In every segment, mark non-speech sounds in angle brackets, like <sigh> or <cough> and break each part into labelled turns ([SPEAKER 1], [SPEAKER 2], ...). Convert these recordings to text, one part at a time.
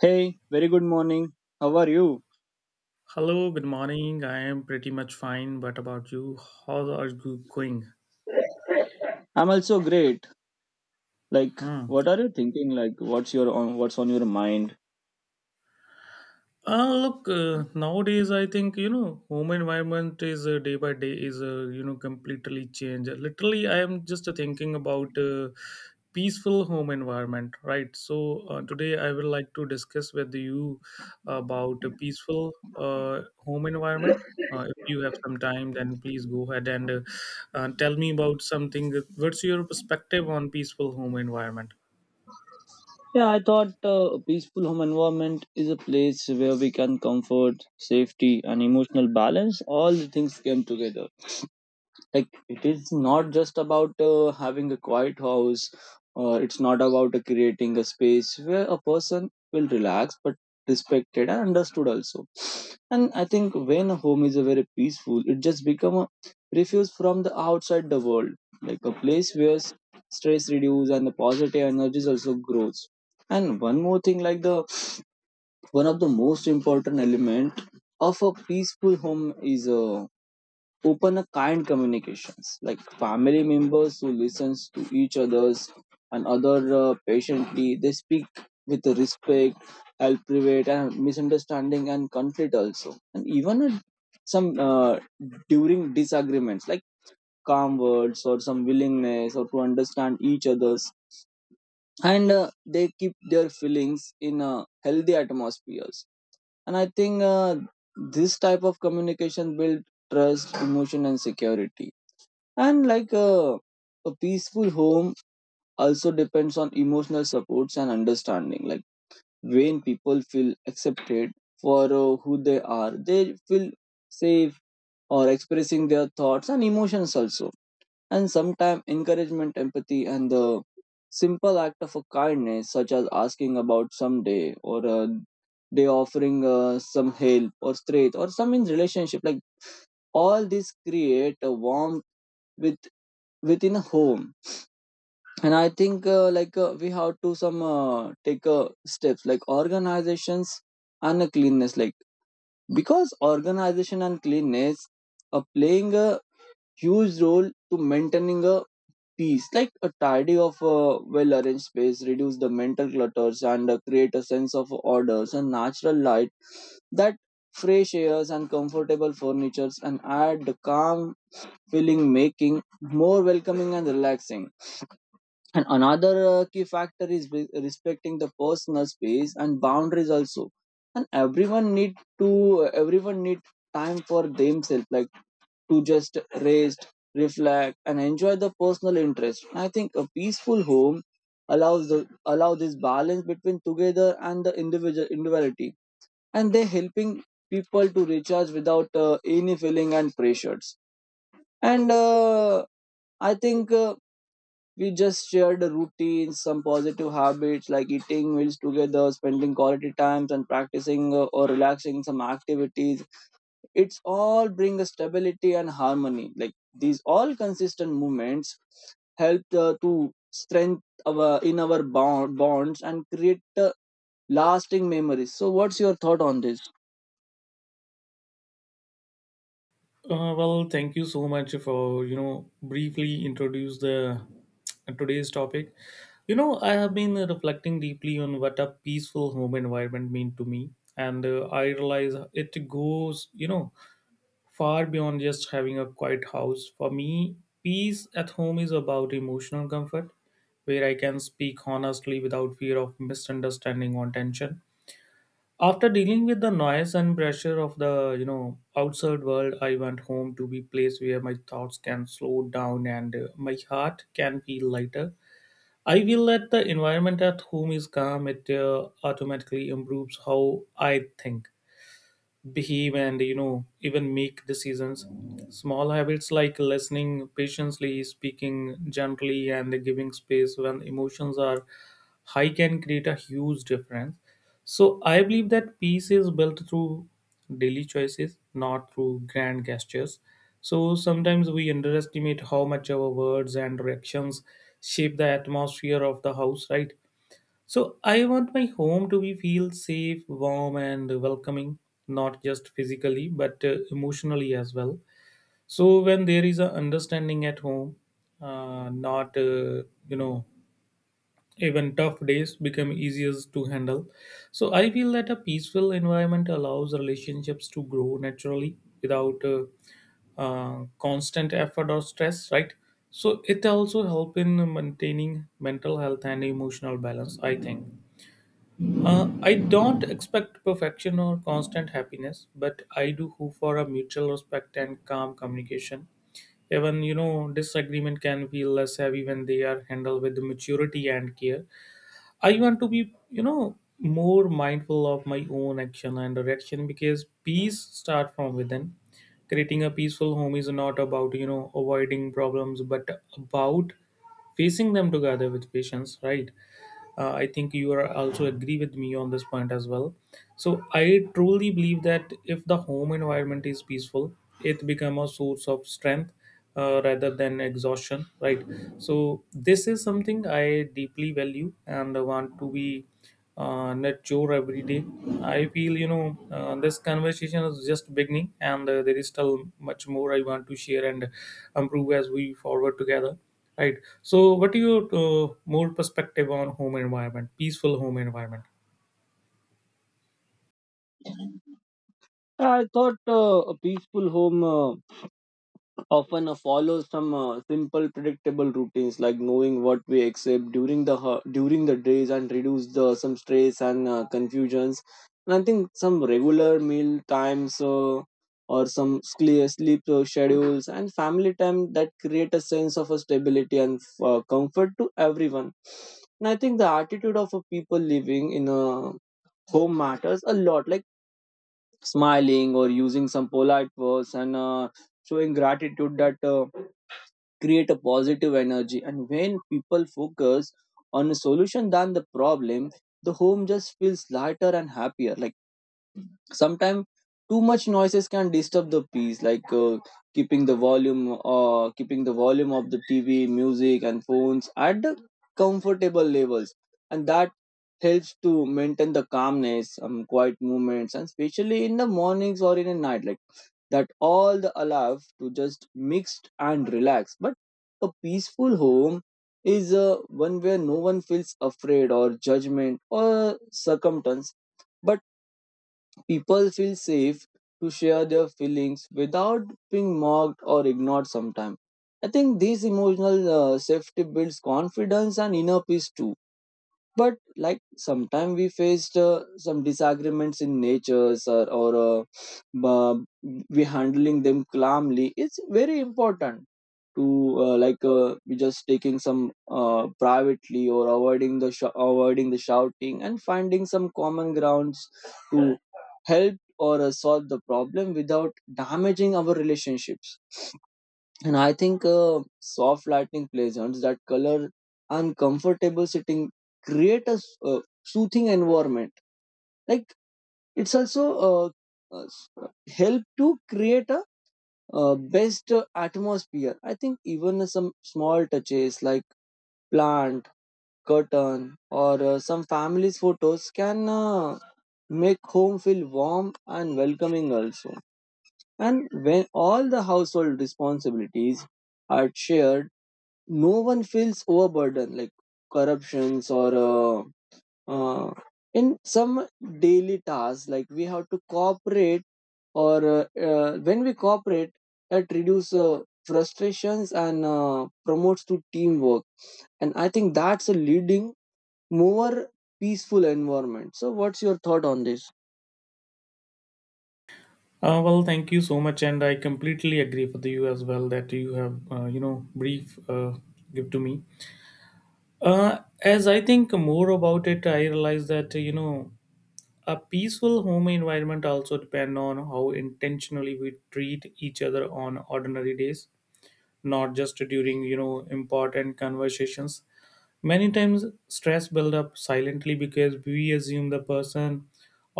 [SPEAKER 1] Hey, very good morning. How are you?
[SPEAKER 2] Hello, good morning. I am pretty much fine. What about you? How are you going?
[SPEAKER 1] I'm also great. Like,
[SPEAKER 2] Hmm.
[SPEAKER 1] what are you thinking? Like, what's on your mind?
[SPEAKER 2] Look, nowadays I think home environment is day by day is completely changed. Literally, I am just thinking about peaceful home environment, right? So today I would like to discuss with you about a peaceful home environment. If you have some time, then please go ahead and tell me about something. What's your perspective on peaceful home environment?
[SPEAKER 1] Yeah, I thought a peaceful home environment is a place where we can comfort, safety, and emotional balance. All the things came together. Like it is not just about having a quiet house, or it's not about creating a space where a person will relax, but respected and understood also. And I think when a home is a very peaceful, it just become a refuge from the outside the world, like a place where stress reduce and the positive energies also grows. And one more thing, like the one of the most important element of a peaceful home is a open a kind communications, like family members who listens to each others and other patiently they speak with respect, help prevent and misunderstanding and conflict also. And even at some during disagreements, like calm words or some willingness or to understand each others, and they keep their feelings in healthy atmospheres. And I think this type of communication build trust emotion and security. And like a peaceful home also depends on emotional supports and understanding. Like when people feel accepted for who they are, they feel safe or expressing their thoughts and emotions also. And sometimes encouragement, empathy, and the simple act of a kindness, such as asking about someday or they offering some help or strength or some in relationship, like all these create a warmth with within a home. And I think like we have to some take steps like organizations and cleanness, like because organization and cleanness are playing a huge role to maintaining a peace, like a tidy of a well arranged space reduce the mental clutters and create a sense of orders and natural light that fresh airs and comfortable furnitures and add the calm feeling making more welcoming and relaxing. And another key factor is respecting the personal space and boundaries also. And everyone need time for themselves, like to just rest, reflect, and enjoy the personal interest. I think a peaceful home allow this balance between together and the individual individuality, and they helping people to recharge without any feeling and pressures. And I think. We just shared the routines, some positive habits like eating meals together, spending quality times, and practicing or relaxing some activities. It's all bring a stability and harmony. Like these all consistent movements help to strengthen our bonds and create lasting memories. So, what's your thought on this?
[SPEAKER 2] Well, thank you so much for briefly introduce the today's topic. You know, I have been reflecting deeply on what a peaceful home environment mean to me, and I realize it goes far beyond just having a quiet house. For me, peace at home is about emotional comfort, where I can speak honestly without fear of misunderstanding or tension. After dealing with the noise and pressure of the outside world, I went home to be place where my thoughts can slow down and my heart can feel lighter. I feel that the environment at home is calm. It automatically improves how I think, behave, and even make decisions. Small habits like listening patiently, speaking gently, and giving space when emotions are high can create a huge difference. So I believe that peace is built through daily choices, not through grand gestures. So sometimes we underestimate how much our words and reactions shape the atmosphere of the house, right? So I want my home to be feel safe, warm, and welcoming, not just physically but emotionally as well. So when there is a understanding at home, not you know even tough days become easier to handle. So I feel that a peaceful environment allows relationships to grow naturally without constant effort or stress, right? So it also help in maintaining mental health and emotional balance, I think. I don't expect perfection or constant happiness, but I do hope for a mutual respect and calm communication. Even disagreement can feel less heavy when they are handled with maturity and care. I want to be more mindful of my own action and direction because peace starts from within. Creating a peaceful home is not about avoiding problems, but about facing them together with patience, right? I think you are also agree with me on this point as well. So I truly believe that if the home environment is peaceful, it become a source of strength, rather than exhaustion, right? So this is something I deeply value and want to be net chore every day. I feel this conversation is just beginning, and there is still much more I want to share and improve as we forward together. Right. So, what are your more perspective on home environment, peaceful home environment?
[SPEAKER 1] I thought a peaceful home. Often follow some simple predictable routines like knowing what we accept during the during the days and reduce the some stress and confusions. And I think some regular meal times or some sleep schedules and family time that create a sense of a stability and comfort to everyone. And I think the attitude of a people living in a home matters a lot, like smiling or using some polite words and showing gratitude that create a positive energy. And when people focus on a solution than the problem, the home just feels lighter and happier. Like sometimes too much noises can disturb the peace, like keeping the volume of the tv music and phones at the comfortable levels, and that helps to maintain the calmness, quiet movements and especially in the mornings or in the night, like that all the allow to just mixed and relax. But a peaceful home is one where no one feels afraid or judgment or circumstance, but people feel safe to share their feelings without being mocked or ignored sometimes. I think this emotional safety builds confidence and inner peace too. But like sometimes we faced some disagreements in nature or uh, we handling them calmly. It's very important to we just taking some privately or avoiding the avoiding the shouting and finding some common grounds to help or solve the problem without damaging our relationships. And I think soft lighting pleasants that color uncomfortable sitting create a soothing environment, like it's also uh, help to create a best atmosphere. I think even some small touches like plant curtain or some family's photos can make home feel warm and welcoming also. And when all the household responsibilities are shared, no one feels overburdened, like corruptions or uh, in some daily tasks, like we have to cooperate or when we cooperate, it reduces frustrations and promotes to teamwork. And I think that's a leading more peaceful environment. So what's your thought on this?
[SPEAKER 2] Well, thank you so much, and I completely agree with you as well that you have brief give to me. As I think more about it, I realize that a peaceful home environment also depend on how intentionally we treat each other on ordinary days, not just during important conversations. Many times stress build up silently because we assume the person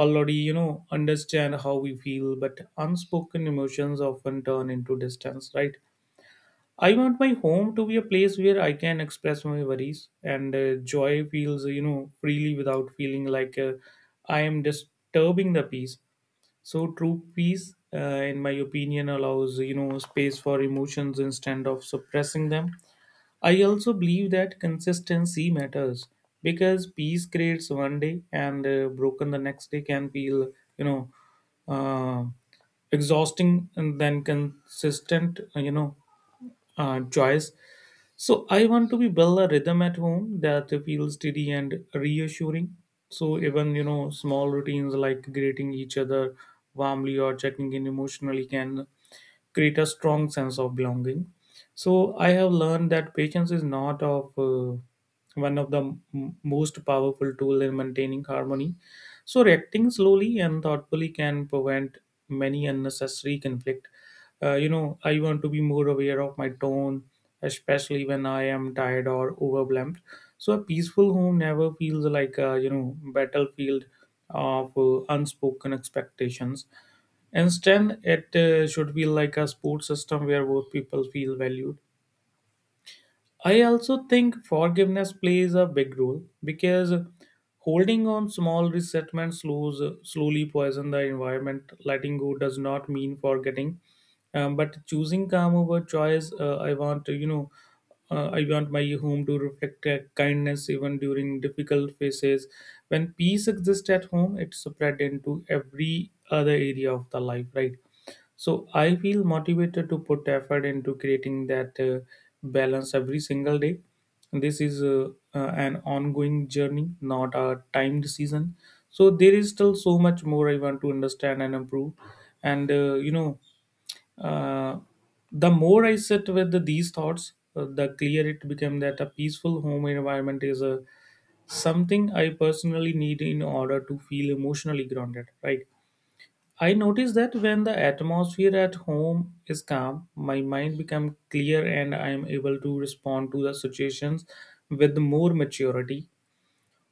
[SPEAKER 2] already understand how we feel, but unspoken emotions often turn into distance, right? I want my home to be a place where I can express my worries and joy feels, freely without feeling like I am disturbing the peace. So, true peace, in my opinion, allows, space for emotions instead of suppressing them. I also believe that consistency matters because peace creates one day and broken the next day can feel, uh, exhausting, and then consistent, choice. So I want to be build a rhythm at home that feels steady and reassuring. So even small routines like greeting each other warmly or checking in emotionally can create a strong sense of belonging. So I have learned that patience is not of one of the m- most powerful tool in maintaining harmony. So reacting slowly and thoughtfully can prevent many unnecessary conflict. You know, I want to be more aware of my tone, especially when I am tired or overwhelmed. So a peaceful home never feels like a battlefield of unspoken expectations. Instead, it should be like a support system where both people feel valued. I also think forgiveness plays a big role because holding on small resentments slowly poison the environment. Letting go does not mean forgetting, but choosing calm over choice. I want my home to reflect kindness even during difficult phases. When peace exists at home, it spread into every other area of the life, right? So I feel motivated to put effort into creating that balance every single day. This is an ongoing journey, not a timed season. So there is still so much more I want to understand and improve. And uh, the more I sit with these thoughts, the clearer it became that a peaceful home environment is a something I personally need in order to feel emotionally grounded. Right, I notice that when the atmosphere at home is calm, my mind becomes clear and I am able to respond to the situations with more maturity.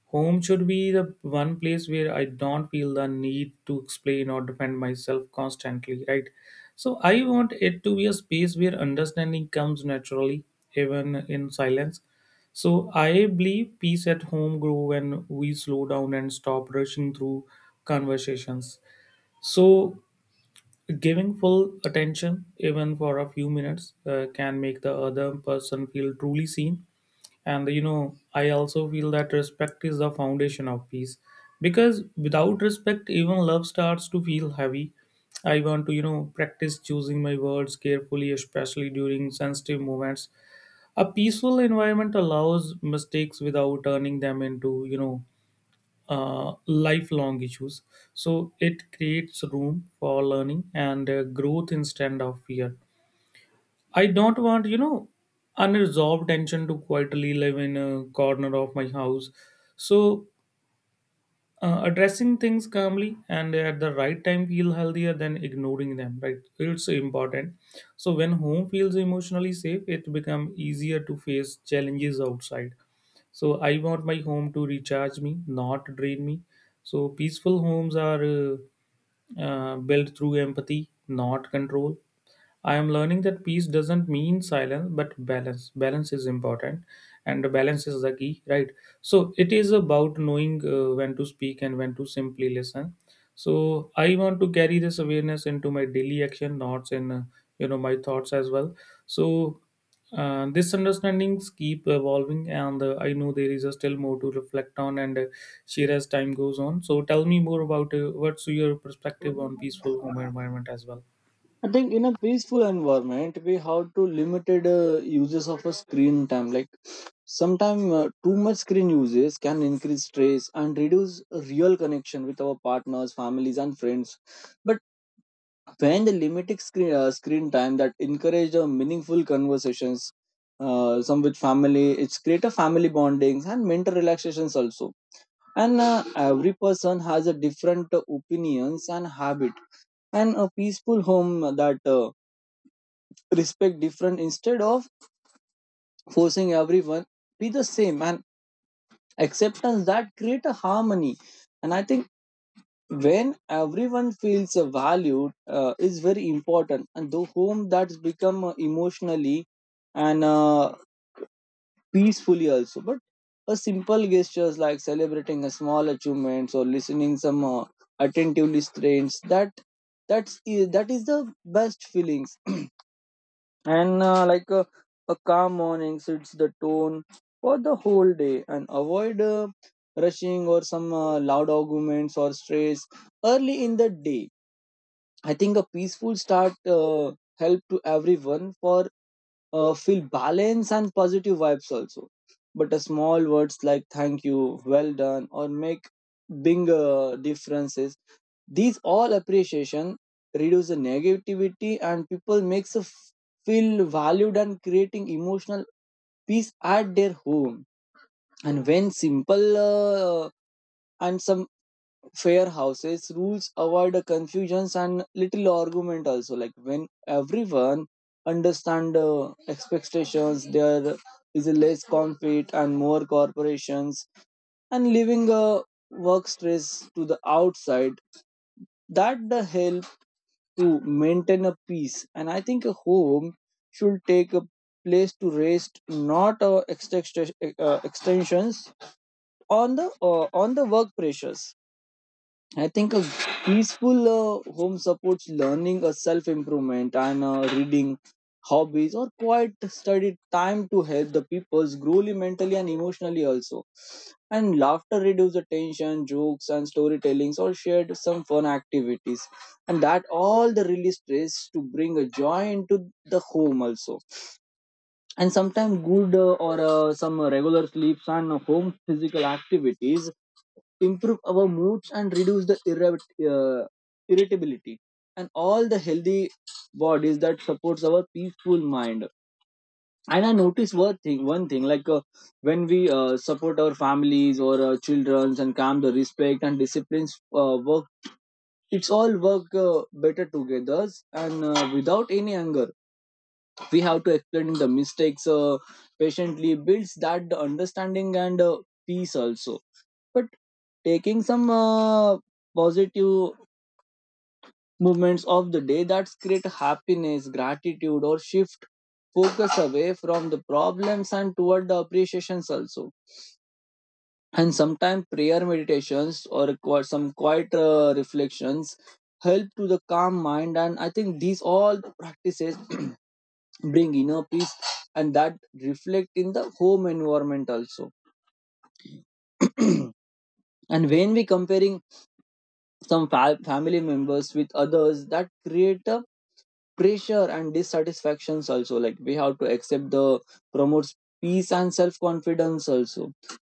[SPEAKER 2] Home should be the one place where I don't feel the need to explain or defend myself constantly, right? So I want it to be a space where understanding comes naturally, even in silence. So I believe peace at home grow when we slow down and stop rushing through conversations. So giving full attention, even for a few minutes, can make the other person feel truly seen. And you know, I also feel that respect is the foundation of peace because without respect, even love starts to feel heavy. I want to, practice choosing my words carefully, especially during sensitive moments. A peaceful environment allows mistakes without turning them into, lifelong issues. So it creates room for learning and growth instead of fear. I don't want, unresolved tension to quietly live in a corner of my house. So addressing things calmly and at the right time feel healthier than ignoring them, right? It's important. So when home feels emotionally safe, it become easier to face challenges outside. So I want my home to recharge me, not drain me. So peaceful homes are built through empathy, not control. I am learning that peace doesn't mean silence, but balance. Balance is important, and the balance is the key, right? So it is about knowing when to speak and when to simply listen. So I want to carry this awareness into my daily action, not in my thoughts as well. So this understandings keep evolving, and I know there is still more to reflect on and share as time goes on. So tell me more about what's your perspective on peaceful home environment as well.
[SPEAKER 1] I think in a peaceful environment, we have to limited uses of a screen time. Like sometimes too much screen uses can increase stress and reduce real connection with our partners, families, and friends. But when the limited screen time that encourage meaningful conversations some with family, it's create a family bondings and mental relaxations also. And every person has a different opinions and habit, and a peaceful home that respect different instead of forcing everyone be the same, and acceptance that create a harmony. And I think when everyone feels valued is very important, and the home that's become emotionally and peacefully also. But a simple gestures like celebrating a small achievements or listening some attentively strains that that is the best feelings. And like a calm morning sets the tone for the whole day and avoid rushing or some loud arguments or stress early in the day. I think a peaceful start help to everyone for feel balance and positive vibes also. But a small words like thank you, well done, or make big differences. These all appreciation reduce the negativity and people makes a feel valued and creating emotional peace at their home. And when simple uh, and some fair houses rules avoid the confusions and little argument also, like when everyone understand expectations, there is a less conflict and more corporations. And leaving a work stress to the outside, that the help to maintain a peace. And I think a home should take a place to rest, not extensions on the work pressures. I think a peaceful home supports learning, a self improvement, and reading, hobbies, or quiet study time to help the peoples grow mentally and emotionally also. And laughter reduces the tension, jokes, and storytellings, or shared some fun activities, and that all the release stress to bring a joy into the home also. And sometimes good or some regular sleeps and home physical activities improve our moods and reduce the irritability, and all the healthy bodies that supports our peaceful mind. And I noticed one thing, like when we support our families or children and calm the respect and disciplines work it's all work better together. And without any anger, we have to explain the mistakes patiently builds that the understanding and peace also. But taking some positive movements of the day that create happiness gratitude or shift focus away from the problems and toward the appreciations also. And sometimes prayer meditations or some quiet reflections help to the calm mind. And I think these all the practices <clears throat> bring inner peace, and that reflect in the home environment also. <clears throat> And when we comparing some family members with others, that create a pressure and dissatisfactions also, like we have to accept the promotes peace and self confidence also.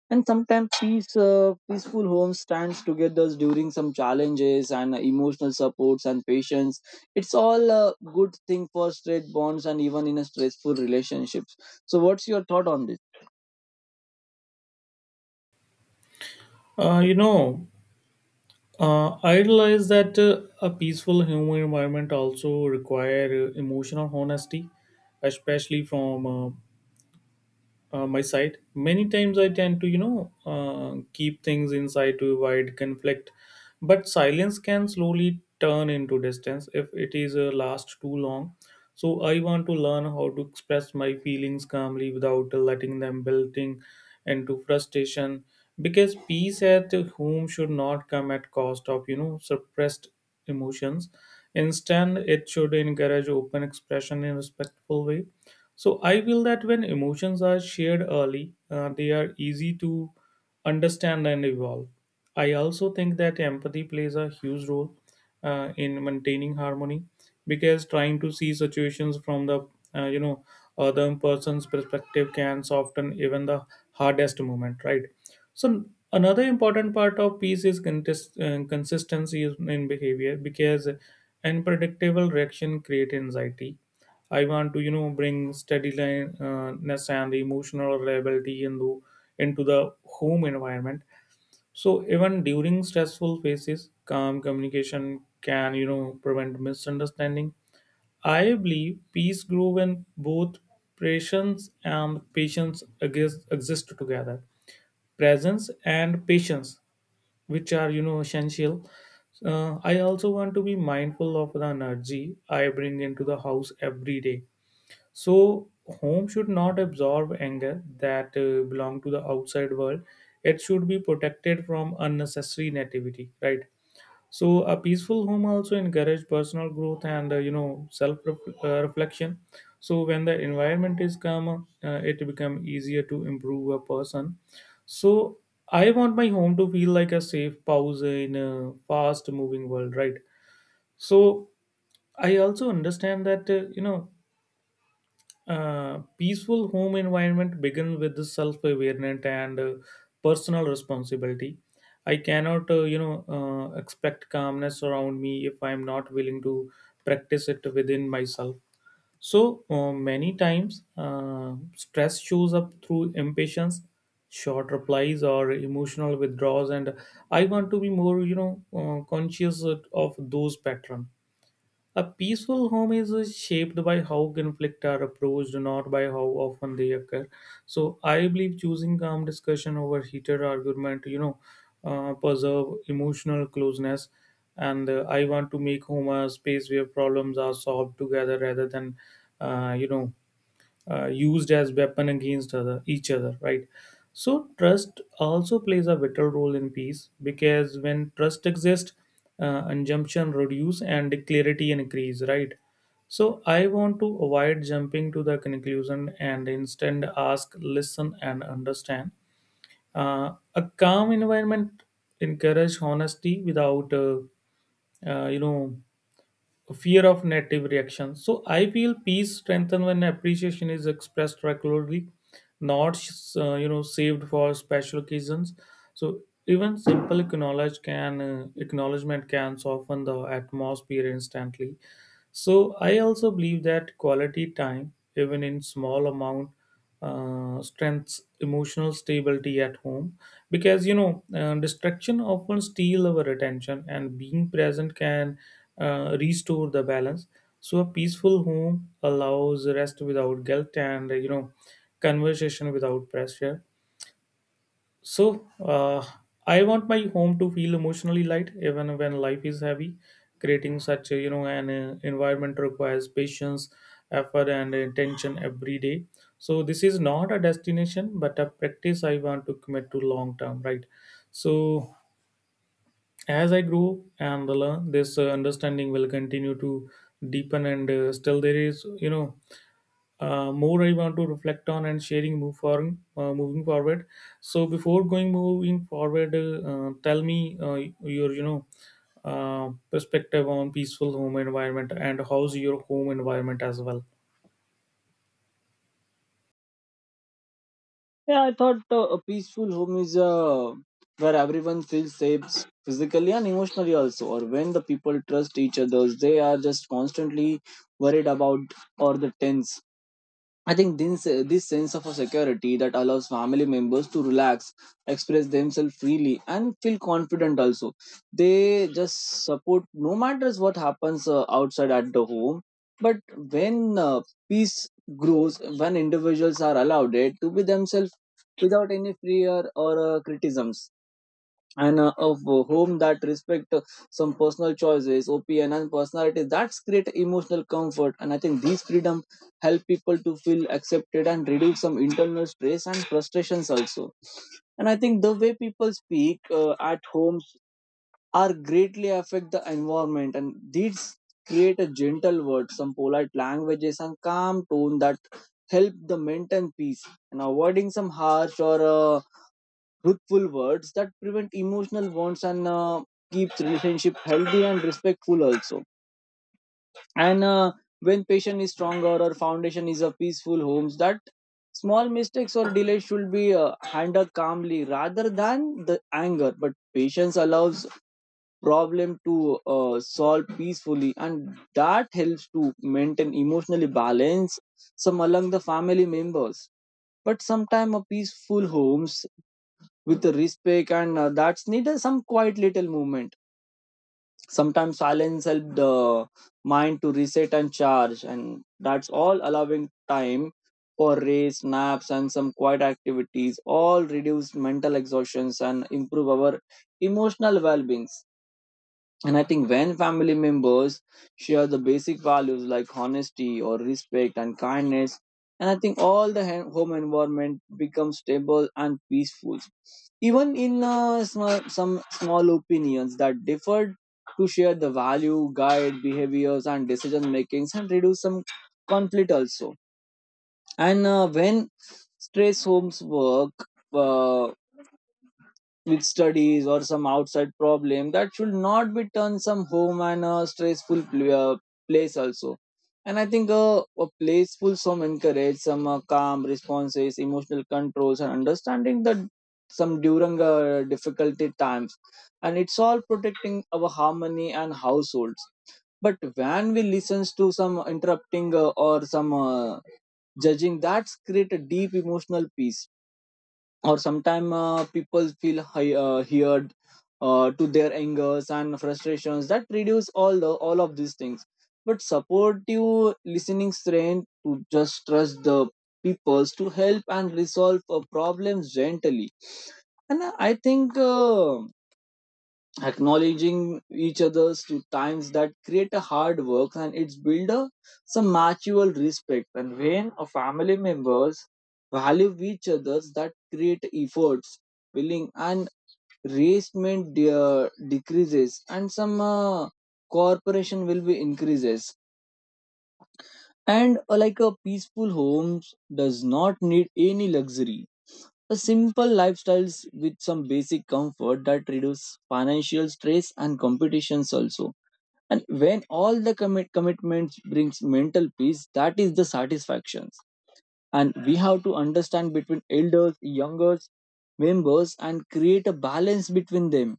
[SPEAKER 1] And sometimes peaceful home stands together during some challenges and emotional supports and patience. It's all a good thing for straight bonds and even in a stressful relationships. So what's your thought on this?
[SPEAKER 2] Uh, you know. I realize that a peaceful human environment also require emotional honesty, especially from my side. Many times I tend to keep things inside to avoid conflict, but silence can slowly turn into distance if it is last too long. So I want to learn how to express my feelings calmly without letting them building into frustration, because peace at home should not come at cost of suppressed emotions. Instead, it should encourage open expression in a respectful way. So I feel that when emotions are shared early, they are easy to understand and evolve. I also think that empathy plays a huge role in maintaining harmony, because trying to see situations from the uh, you know other person's perspective can soften even the hardest moment, right? So another important part of peace is consistency in behavior, because unpredictable reaction create anxiety. I want to bring steadiness and emotional reliability into the home environment. So even during stressful phases, calm communication can prevent misunderstanding. I believe peace grow when both patience and patience exist exist together presence and patience, which are essential. I also want to be mindful of the energy I bring into the house every day. So home should not absorb anger that belong to the outside world. It should be protected from unnecessary negativity, right? So a peaceful home also encourage personal growth and self reflection. So when the environment is calm, it become easier to improve a person. So I want my home to feel like a safe pause in a fast moving world, right? So I also understand that peaceful home environment begins with the self-awareness and personal responsibility. I cannot, expect calmness around me if I am not willing to practice it within myself. So many times, stress shows up through impatience, short replies, or emotional withdrawals, and I want to be more, conscious of those patterns. A peaceful home is shaped by how conflict are approached, not by how often they occur. So I believe choosing calm discussion over heated argument, preserve emotional closeness. And I want to make home a space where problems are solved together rather than, uh, you know, used as weapon against other each other, right? So trust also plays a vital role in peace because when trust exists, assumption reduce and clarity increase, right? So I want to avoid jumping to the conclusion and instead ask, listen and understand. A calm environment encourage honesty without uh, you know fear of negative reaction. So I feel peace strengthened when appreciation is expressed regularly, not saved for special occasions. So even simple acknowledge can acknowledgement can soften the atmosphere instantly. So I also believe that quality time, even in small amount, strengths emotional stability at home because distraction often steal our attention and being present can restore the balance. So a peaceful home allows rest without guilt and, you know, conversation without pressure. So I want my home to feel emotionally light even when life is heavy. Creating such a, you know an environment requires patience, effort, and intention every day. So this is not a destination, but a practice I want to commit to long term, right? So as I grow and learn, this understanding will continue to deepen, and still there is, you know, more I want to reflect on and moving forward. So before going moving forward, tell me your perspective on peaceful home environment and how's your home environment as well.
[SPEAKER 1] Yeah, I thought a peaceful home is where everyone feels safe physically and emotionally also, or when the people trust each other, they are just constantly worried about or the tense. I think this sense of a security that allows family members to relax, express themselves freely, and feel confident also. They just support no matters what happens outside at the home. But when peace grows, when individuals are allowed it to be themselves without any fear or criticisms and of whom that respect some personal choices opinion and personalities that's create emotional comfort. And I think these freedom help people to feel accepted and reduce some internal stress and frustrations also. And I think the way people speak at home are greatly affect the environment, and these create a gentle word, some polite languages and calm tone that help the maintain peace and avoiding some harsh or truthful words that prevent emotional bonds and keeps relationship healthy and respectful also. And when patient is stronger or foundation is a peaceful homes, that small mistakes or delays should be handled calmly rather than the anger. But patience allows problem to solve peacefully, and that helps to maintain emotionally balance some along the family members. But sometimes a peaceful homes with respect and that's needed some quiet little movement. Sometimes silence help the mind to reset and charge, and that's all allowing time for race naps, and some quiet activities all reduce mental exhaustions and improve our emotional well-being. And I think when family members share the basic values like honesty or respect and kindness, and I think all the home environment becomes stable and peaceful. Even in some small opinions that differed to share the value, guide behaviors and decision makings and reduce some conflict also. And when stress homes work, uh, with studies or some outside problem that should not be turned some home and a stressful place also. And I think a place full some encourage some calm responses emotional controls and understanding that some during difficulty times, and it's all protecting our harmony and households. But when we listens to some interrupting or some judging, that's create a deep emotional peace. Or sometimes people feel heard to their angers and frustrations that reduce all the all of these things. But supportive listening strength to just trust the peoples to help and resolve problems gently. And I think acknowledging each other's to times that create a hard work, and it's build a some mutual respect. And when a family members value each other's that create efforts willing, and resentment decreases and some cooperation will be increases. And like a peaceful homes does not need any luxury, a simple lifestyles with some basic comfort that reduce financial stress and competitions also. And when all the commitments brings mental peace that is the satisfactions. And we have to understand between elders youngers members and create a balance between them,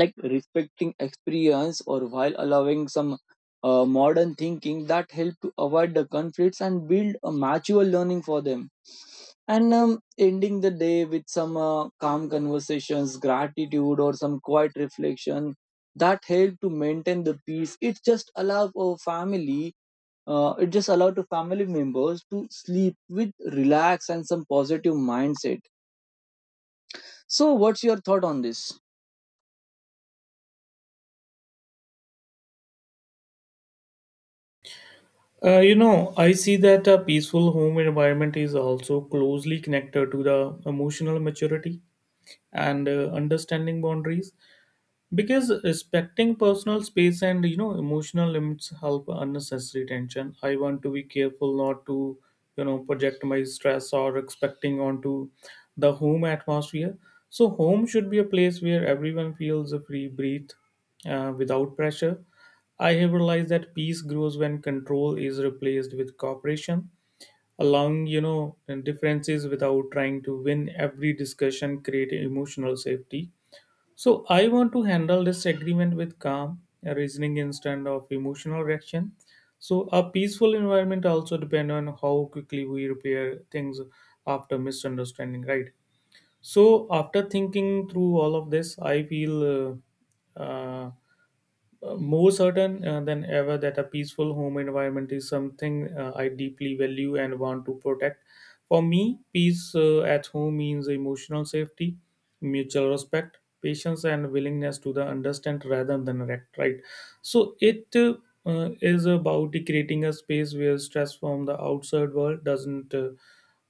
[SPEAKER 1] like respecting experience or while allowing some modern thinking that help to avoid the conflicts and build a mature learning for them. And ending the day with some calm conversations, gratitude or some quiet reflection that help to maintain the peace. It just allow a family, it just allow to family members to sleep with relax and some positive mindset. So what's your thought on this?
[SPEAKER 2] I see that a peaceful home environment is also closely connected to the emotional maturity and understanding boundaries. Because respecting personal space and, you know, emotional limits help unnecessary tension. I want to be careful not to, you know, project my stress or expecting onto the home atmosphere. So home should be a place where everyone feels a free breathe, without pressure. I have realized that peace grows when control is replaced with cooperation, allowing, you know, differences without trying to win every discussion create emotional safety. So I want to handle this agreement with calm reasoning instead of emotional reaction. So a peaceful environment also depend on how quickly we repair things after misunderstanding, right? So after thinking through all of this, I feel uh, uh, more certain than ever that a peaceful home environment is something I deeply value and want to protect. For me, peace at home means emotional safety, mutual respect, patience, and willingness to the understand rather than react. Right. So it is about creating a space where stress from the outside world doesn't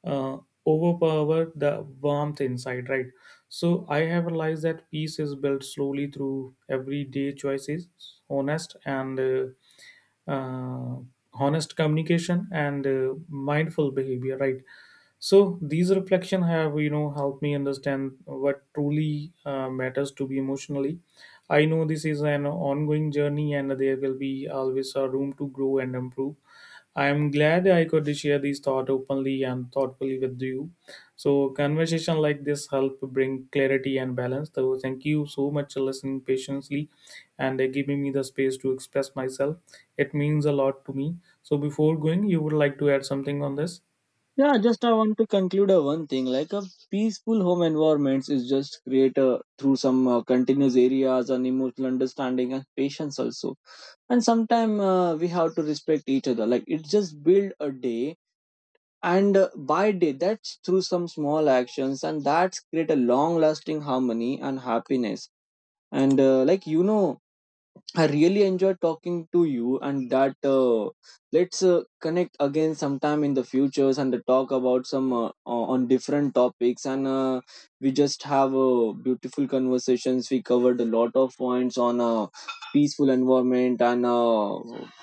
[SPEAKER 2] uh, overpower the warmth inside. Right. So I have realized that peace is built slowly through everyday choices, honest and uh, uh, honest communication and mindful behavior. Right. So these reflection have, you know, helped me understand what truly matters to be emotionally. I know this is an ongoing journey, and there will be always a room to grow and improve. I am glad I could share these thoughts openly and thoughtfully with you. So conversation like this help bring clarity and balance. So thank you so much for listening patiently and giving me the space to express myself. It means a lot to me. So, before going, you would like to add something on this?
[SPEAKER 1] Yeah, just I want to conclude a one thing, like a peaceful home environments is just create a, through some continuous areas and emotional understanding and patience also. And sometime we have to respect each other. Like it just build a day and by day, that's through some small actions, and that's create a long lasting harmony and happiness. And like, you know, I really enjoyed talking to you, and that let's connect again sometime in the futures and talk about some on different topics. And we just have beautiful conversations. We covered a lot of points on peaceful environment and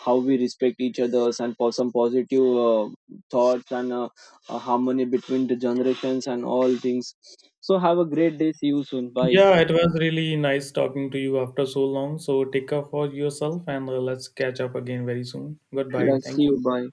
[SPEAKER 1] how we respect each other's and for some positive thoughts and harmony between the generations and all things. So have a great day. See you soon. Bye.
[SPEAKER 2] Yeah, it was really nice talking to you after so long. So, take care for yourself and let's catch up again very soon. Goodbye.
[SPEAKER 1] Yeah, see
[SPEAKER 2] Thank you.
[SPEAKER 1] you. Bye.